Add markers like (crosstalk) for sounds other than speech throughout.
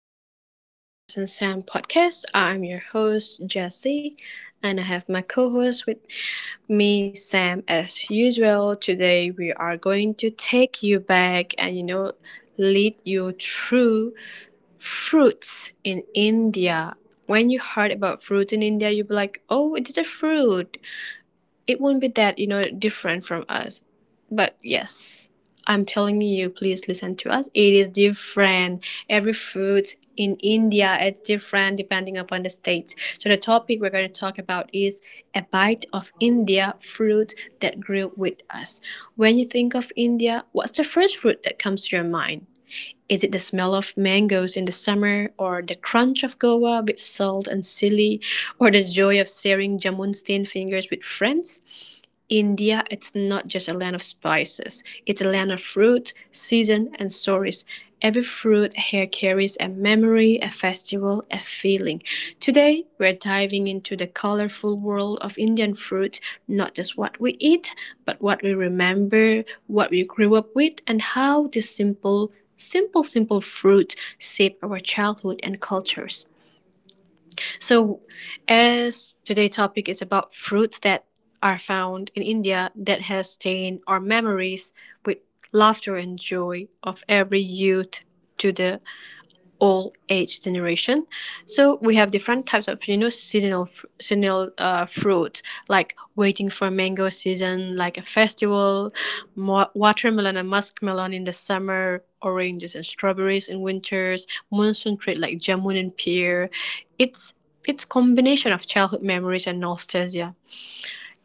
welcome back to Jess and Sam podcast. I'm your host, Jesse, and I have my co host with me, Sam, as usual. Today, we are going to take you back and, lead you through fruits in India. When you heard about fruits in India, you'd be like, oh, it is a fruit, it won't be that different from us. But yes, I'm telling you, please listen to us. It is different. Every fruit in India, it's different depending upon the state. So the topic we're going to talk about is a bite of India fruit that grew with us. When you think of India, what's the first fruit that comes to your mind? Is it the smell of mangoes in the summer, or the crunch of guava with salt and chili, or the joy of sharing jamun stained fingers with friends? India, it's not just a land of spices. It's a land of fruit, season, and stories. Every fruit here carries a memory, a festival, a feeling. Today, we're diving into the colorful world of Indian fruit, not just what we eat, but what we remember, what we grew up with, and how this simple fruit shaped our childhood and cultures. So, as today's topic is about fruits that are found in India that has stained our memories with laughter and joy of every youth to the all age generation. So we have different types of seasonal fruit, like waiting for mango season, like a festival, watermelon and muskmelon in the summer, oranges and strawberries in winters, monsoon treat like jamun and pear. It's it's combination of childhood memories and nostalgia,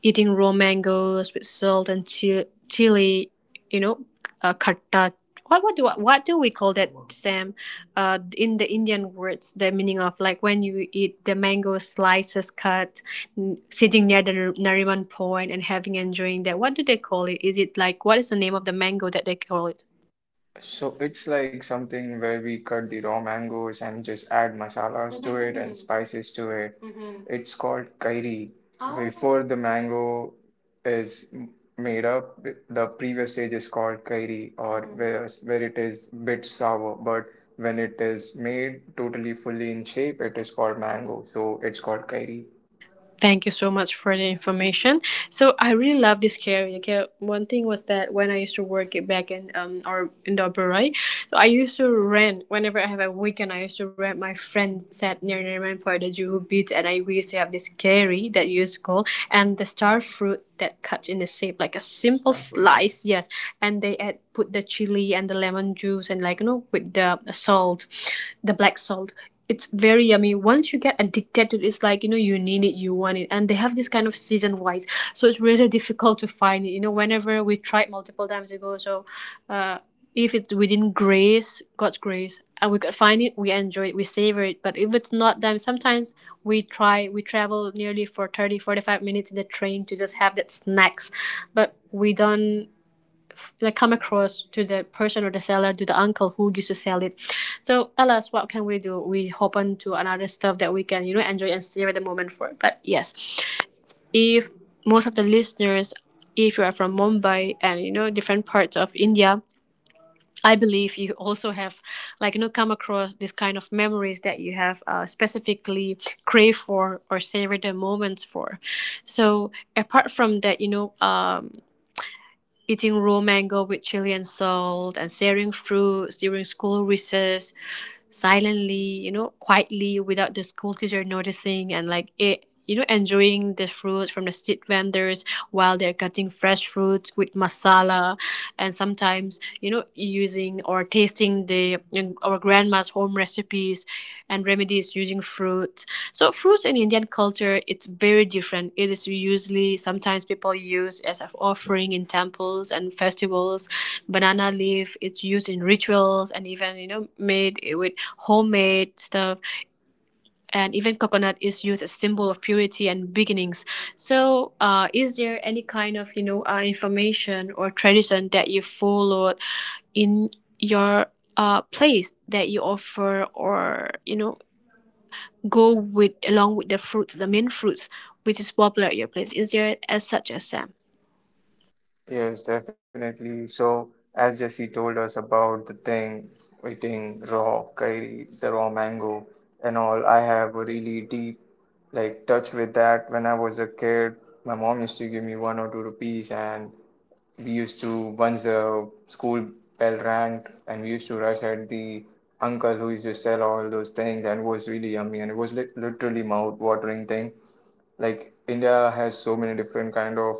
eating raw mangoes with salt and chili, you know, khatta. What do we call that, Sam? In the Indian words, the meaning of like when you eat the mango slices cut, sitting near the Nariman Point and having enjoying that. What do they call it? Is it like what is the name of the mango that they call it? So it's like something where we cut the raw mangoes and just add masalas to it and, Mm-hmm, spices to it. Mm-hmm. It's called kairi. Oh. Before the mango is made up, the previous stage is called kairi, or, Mm-hmm, where it is bit sour. But when it is made totally fully in shape, it is called mango. So it's called kairi. Thank you so much for the information. So I really love this career. Okay, one thing was that when I used to work it back in or in the upper right, so I used to rent whenever I have a weekend. I used to rent. My friend sat near Nerman for the Juhu Beach, and I we used to have this curry that you used to call, and the star fruit that cut in the shape like a simple slice. Yes, and they add put the chili and the lemon juice and like with the salt, the black salt. It's very yummy. Once you get addicted to it, it's like you need it, you want it. And they have this kind of season wise. So it's really (laughs) difficult to find it, whenever we tried multiple times ago. So, uh, if it's within grace god's grace and we could find it, we enjoy it, we savor it. But if it's not, then sometimes we travel nearly for 30, 45 minutes in the train to just have that snacks. But we don't that come across to the person or the seller, to the uncle who used to sell it. So, alas, what can we do? We hop on to another stuff that we can enjoy and stay at the moment for. But yes, if most of the listeners, if you are from Mumbai and you know different parts of India, I believe you also have, like, come across this kind of memories that you have specifically crave for or savor the moments for. So, apart from that, eating raw mango with chili and salt, and sharing fruits during school recess silently, quietly without the school teacher noticing, and like it enjoying the fruits from the street vendors while they're cutting fresh fruits with masala, and sometimes using or tasting the our grandma's home recipes and remedies using fruit. So fruits in Indian culture, it's very different. It is usually sometimes people use as an offering in temples and festivals. Banana leaf, it's used in rituals and even made with homemade stuff. And even coconut is used as symbol of purity and beginnings. So, is there any kind of information or tradition that you followed in your place that you offer or go with along with the fruit, the main fruits, which is popular at your place? Is there as such as Sam? Yes, definitely. So, as Jesse told us about the thing, eating raw kairi, the raw mango, and all, I have a really deep like touch with that. When I was a kid, my mom used to give me 1 or 2 rupees, and we used to once the school bell rang, and we used to rush at the uncle who used to sell all those things, and it was really yummy, and it was li literally mouth-watering thing. Like India has so many different kind of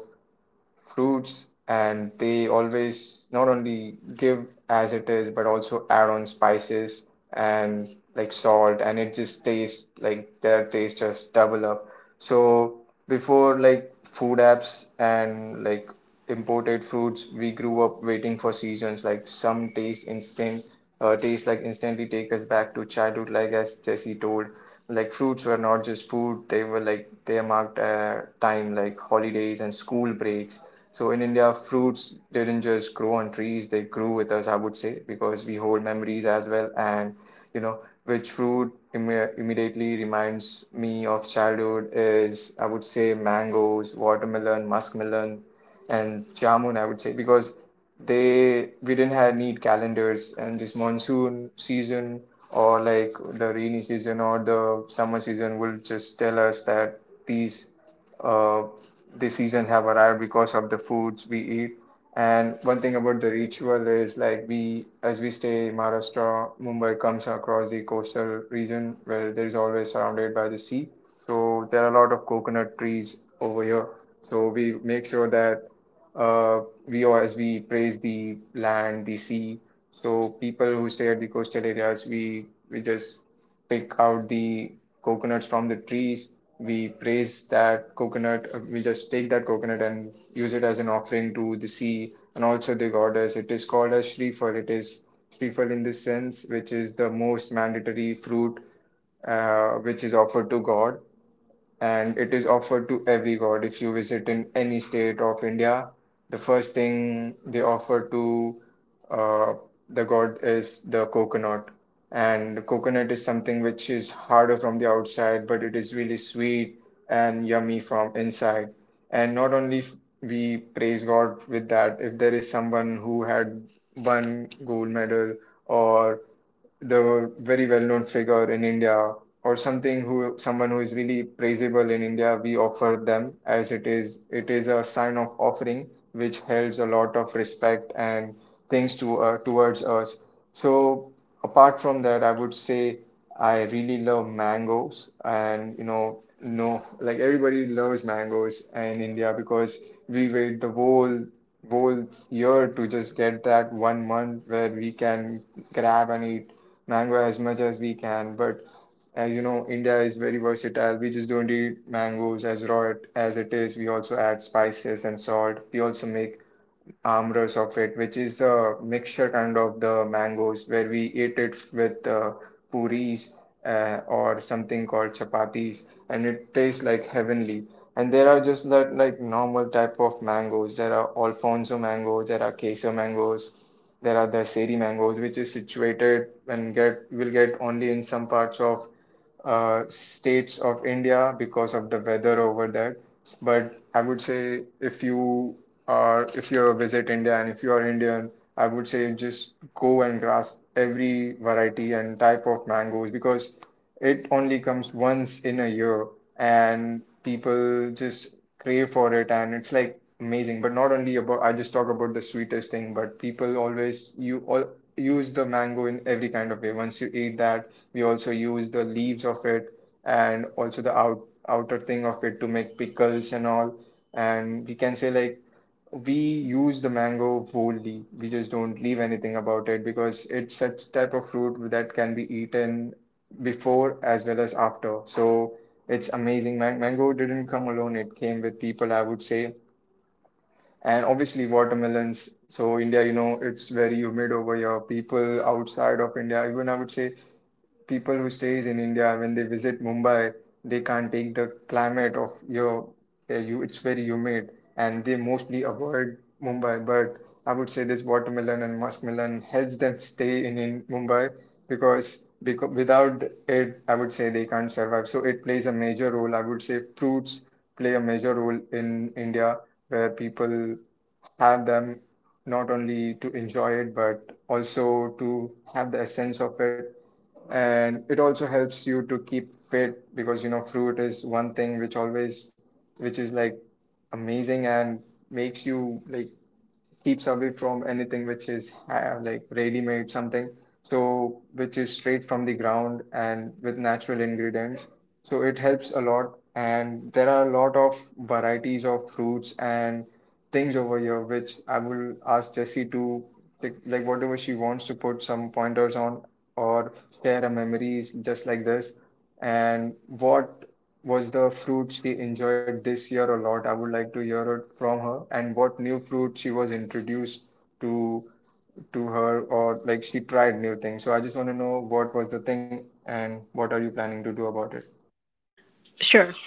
fruits and they always not only give as it is but also add on spices and like salt and it just tastes like their taste just double up. So before like food apps and like imported fruits we grew up waiting for seasons like some taste instant taste like instantly take us back to childhood, like as Jesse told, like fruits were not just food, they were like they marked time like holidays and school breaks. So in India fruits didn't just grow on trees, they grew with us, I would say, because we hold memories as well. And you know which fruit immediately reminds me of childhood is, I would say, mangoes, watermelon, muskmelon, and jamun, I would say, because they we didn't have need calendars, and this monsoon season or like the rainy season or the summer season will just tell us that these uh, the seasons have arrived because of the foods we eat. And one thing about the ritual is like, we as we stay in Maharashtra, Mumbai comes across the coastal region where there is always surrounded by the sea, so there are a lot of coconut trees over here. So we make sure that, we as we praise the land, the sea. So people who stay at the coastal areas, we just pick out the coconuts from the trees. We praise that coconut. We just take that coconut and use it as an offering to the sea and also the goddess. It is called as Shrifal. It is Shrifal in this sense, which is the most mandatory fruit, which is offered to God, and it is offered to every god. If you visit in any state of India, the first thing they offer to, uh, the god is the coconut. And coconut is something which is harder from the outside, but it is really sweet and yummy from inside. And not only we praise God with that, if there is someone who had won gold medal, or the very well-known figure in India, or something who someone who is really praisable in India, we offer them as it is. It is a sign of offering which holds a lot of respect and things to towards us. So apart from that, I would say I really love mangoes, and no, like everybody loves mangoes in India because we wait the whole year to just get that 1 month where we can grab and eat mango as much as we can. But India is very versatile. We just don't eat mangoes as raw as it is. We also add spices and salt. We also make Amrus of it, which is a mixture kind of the mangoes where we eat it with, puris, or something called chapatis, and it tastes like heavenly. And there are just that like normal type of mangoes. There are Alfonso mangoes, there are Queso mangoes, there are the Seri mangoes, which is situated and get will get only in some parts of, states of India because of the weather over there. But I would say if you visit India and if you are Indian, I would say just go and grasp every variety and type of mangoes because it only comes once in a year and people just crave for it and it's like amazing. But not only about, I just talk about the sweetest thing, but people always you all use the mango in every kind of way. Once you eat that, we also use the leaves of it and also the outer thing of it to make pickles and all. And we can say like we use the mango wholly. We just don't leave anything about it because it's such type of fruit that can be eaten before as well as after. So it's amazing. Mango didn't come alone. It came with people, I would say, and obviously watermelons. So India, it's very humid over here. People outside of India, even I would say people who stays in India when they visit Mumbai, they can't take the climate of your you it's very humid and they mostly avoid Mumbai. But I would say this watermelon and muskmelon helps them stay in Mumbai because without it, I would say they can't survive. So it plays a major role. I would say fruits play a major role in India where people have them not only to enjoy it but also to have the essence of it, and it also helps you to keep fit because, fruit is one thing which always which is like amazing and makes you like, keeps away from anything which is, like ready made something, so which is straight from the ground and with natural ingredients. So it helps a lot, and there are a lot of varieties of fruits and things over here, which I will ask Jessie to like, whatever she wants to put some pointers on, or share her memories just like this. And what was the fruit she enjoyed this year a lot? I would like to hear it from her, and what new fruit she was introduced to to her, or like she tried new things. So I just want to know what was the thing and what are you planning to do about it? Sure.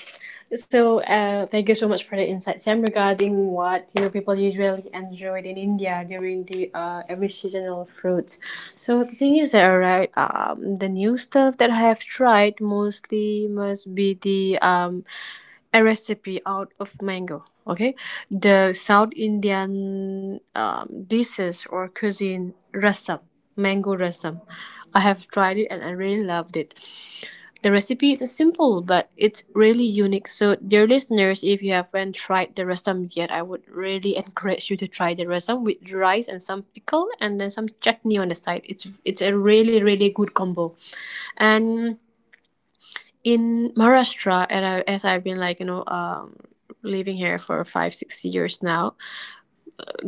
So, thank you so much for the insight, Sam, regarding what people usually enjoyed in India during the every seasonal fruits. So the thing is, that alright, the new stuff that I have tried mostly must be the a recipe out of mango. Okay, the South Indian dishes or cuisine rasam, mango rasam. I have tried it and I really loved it. The recipe is simple but it's really unique. So, dear listeners, if you haven't tried the rasam yet, I would really encourage you to try the rasam with rice and some pickle and then some chutney on the side. It's a really really good combo. And in Maharashtra, and I, as I've been like living here for 5 or 6 years now,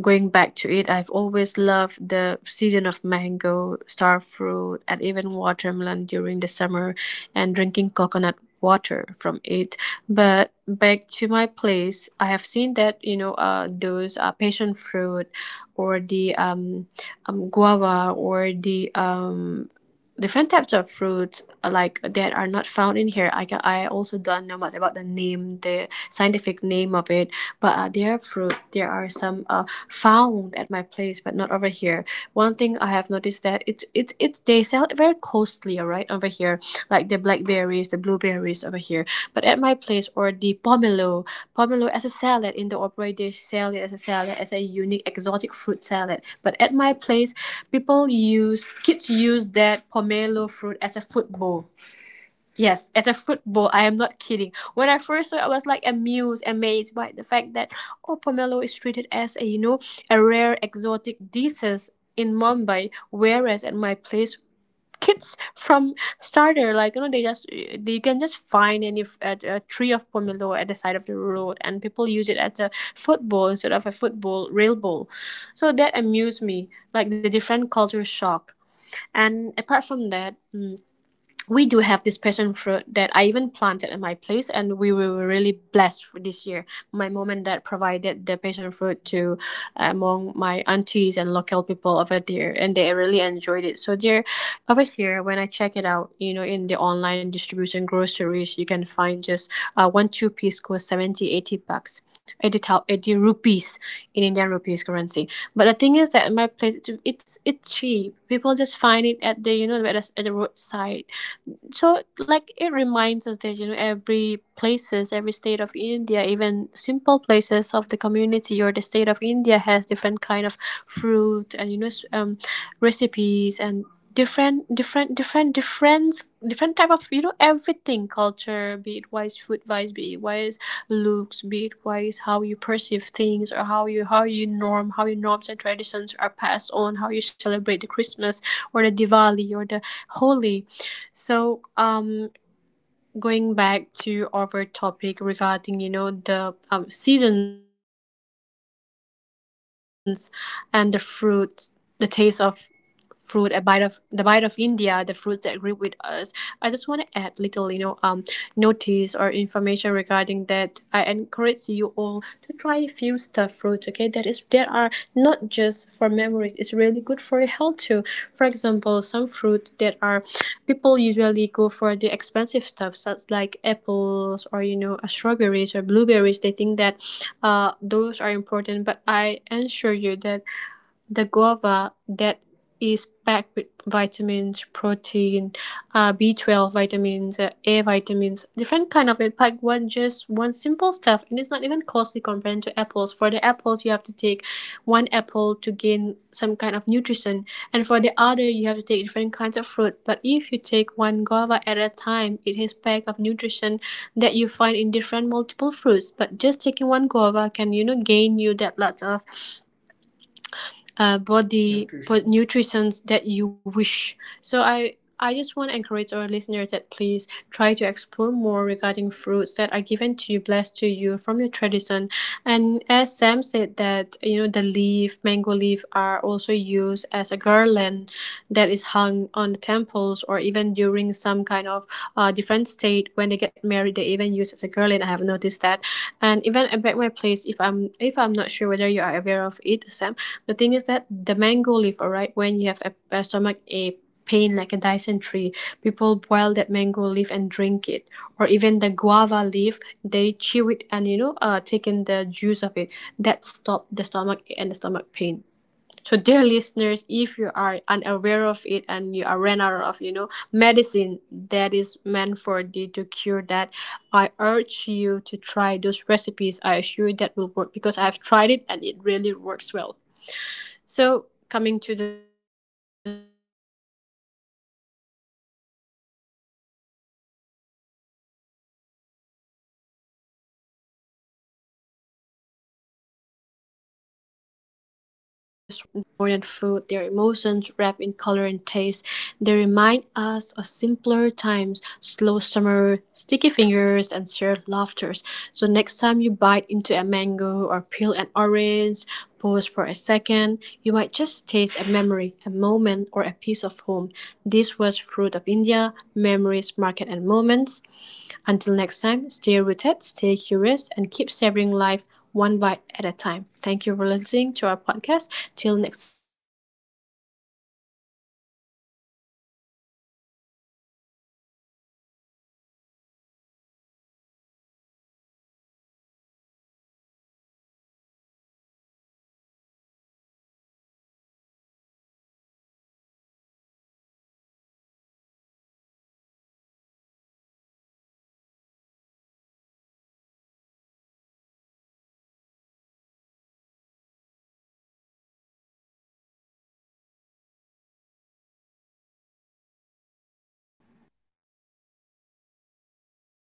going back to it, I've always loved the season of mango, star fruit, and even watermelon during the summer, and drinking coconut water from it. But back to my place, I have seen that those passion fruit, or the guava, or the different types of fruits like that are not found in here. I also don't know much about the name, the scientific name of it, but they are fruit. There are some found at my place, but not over here. One thing I have noticed that it's they sell it very costly, alright, over here, like the blackberries, the blueberries over here. But at my place or the pomelo, as a salad in the opera, they sell it as a salad, as a unique exotic fruit salad. But at my place, people use kids use that pomelo fruit as a football. Yes, as a football, I am not kidding. When I first saw it, I was like amused, amazed by the fact that oh, pomelo is treated as a you know a rare exotic disease in Mumbai, whereas at my place, kids from starter like they can just find any at a tree of pomelo at the side of the road, and people use it as a football instead of a football real ball. So that amused me, like the different culture shock. And apart from that, we do have this passion fruit that I even planted in my place, and we were really blessed for this year. My mom and dad provided the passion fruit to, among my aunties and local people over there, and they really enjoyed it. So there, over here, when I check it out, in the online distribution groceries, you can find just one two piece cost 70 or 80 bucks, 80 rupees in Indian rupees currency. But the thing is that in my place, it's cheap. People just find it at the you know at the roadside. So like it reminds us that every state of India, even simple places of the community or the state of India has different kind of fruit, and recipes, and different different different different different type of everything, culture be it wise, food wise, be it wise looks, be it wise how you perceive things, or how your norms and traditions are passed on, how you celebrate the Christmas or the Diwali or the Holy. So, going back to our topic regarding, the seasons and the fruit, the taste of fruit, a bite of the bite of India, the fruits that grew with us. I just want to add little, notice or information regarding that. I encourage you all to try a few stuffed fruits. Okay, that is that are not just for memories. It's really good for your health too. For example, some fruits that are people usually go for the expensive stuff, such like apples or strawberries or blueberries. They think that those are important, but I assure you that the guava that is packed with vitamins, protein, B12 vitamins, A vitamins, different kind of it. Pack one, just one simple stuff, and it's not even costly compared to apples. For the apples, you have to take one apple to gain some kind of nutrition, and for the other, you have to take different kinds of fruit. But if you take one guava at a time, it has pack of nutrition that you find in different multiple fruits. But just taking one guava can gain you that lots of body nutrition. But Nutrition. That you wish. So I just want to encourage our listeners that please try to explore more regarding fruits that are given to you, blessed to you from your tradition. And as Sam said, that the leaf mango leaf are also used as a garland that is hung on the temples, or even during some kind of different state when they get married, they even use as a garland. I have noticed that. And even at my place, if I'm not sure whether you are aware of it, Sam, the thing is that the mango leaf, alright, when you have a stomach ache, pain like a dysentery, people boil that mango leaf and drink it. Or even the guava leaf, they chew it and take in the juice of it. That stop the stomach ache and the stomach pain. So, dear listeners, if you are unaware of it and you are ran out of medicine that is meant for the to cure that, I urge you to try those recipes. I assure you that will work because I've tried it and it really works well. So, coming to the short point of it, uh, just want to share that, all right? There are multiple leave, but less time right now. I just want to and our podcast saying that fruits in India are more than food. Their emotions wrapped in color and taste. They remind us of simpler times, slow summer, sticky fingers, and shared laughters. So next time you bite into a mango or peel an orange, pause for a second. You might just taste a memory, a moment, or a piece of home. This was Fruit of India, Memories, Market and Moments. Until next time, stay rooted, stay curious, and keep savoring life one bite at a time. Thank you for listening to our podcast. Till next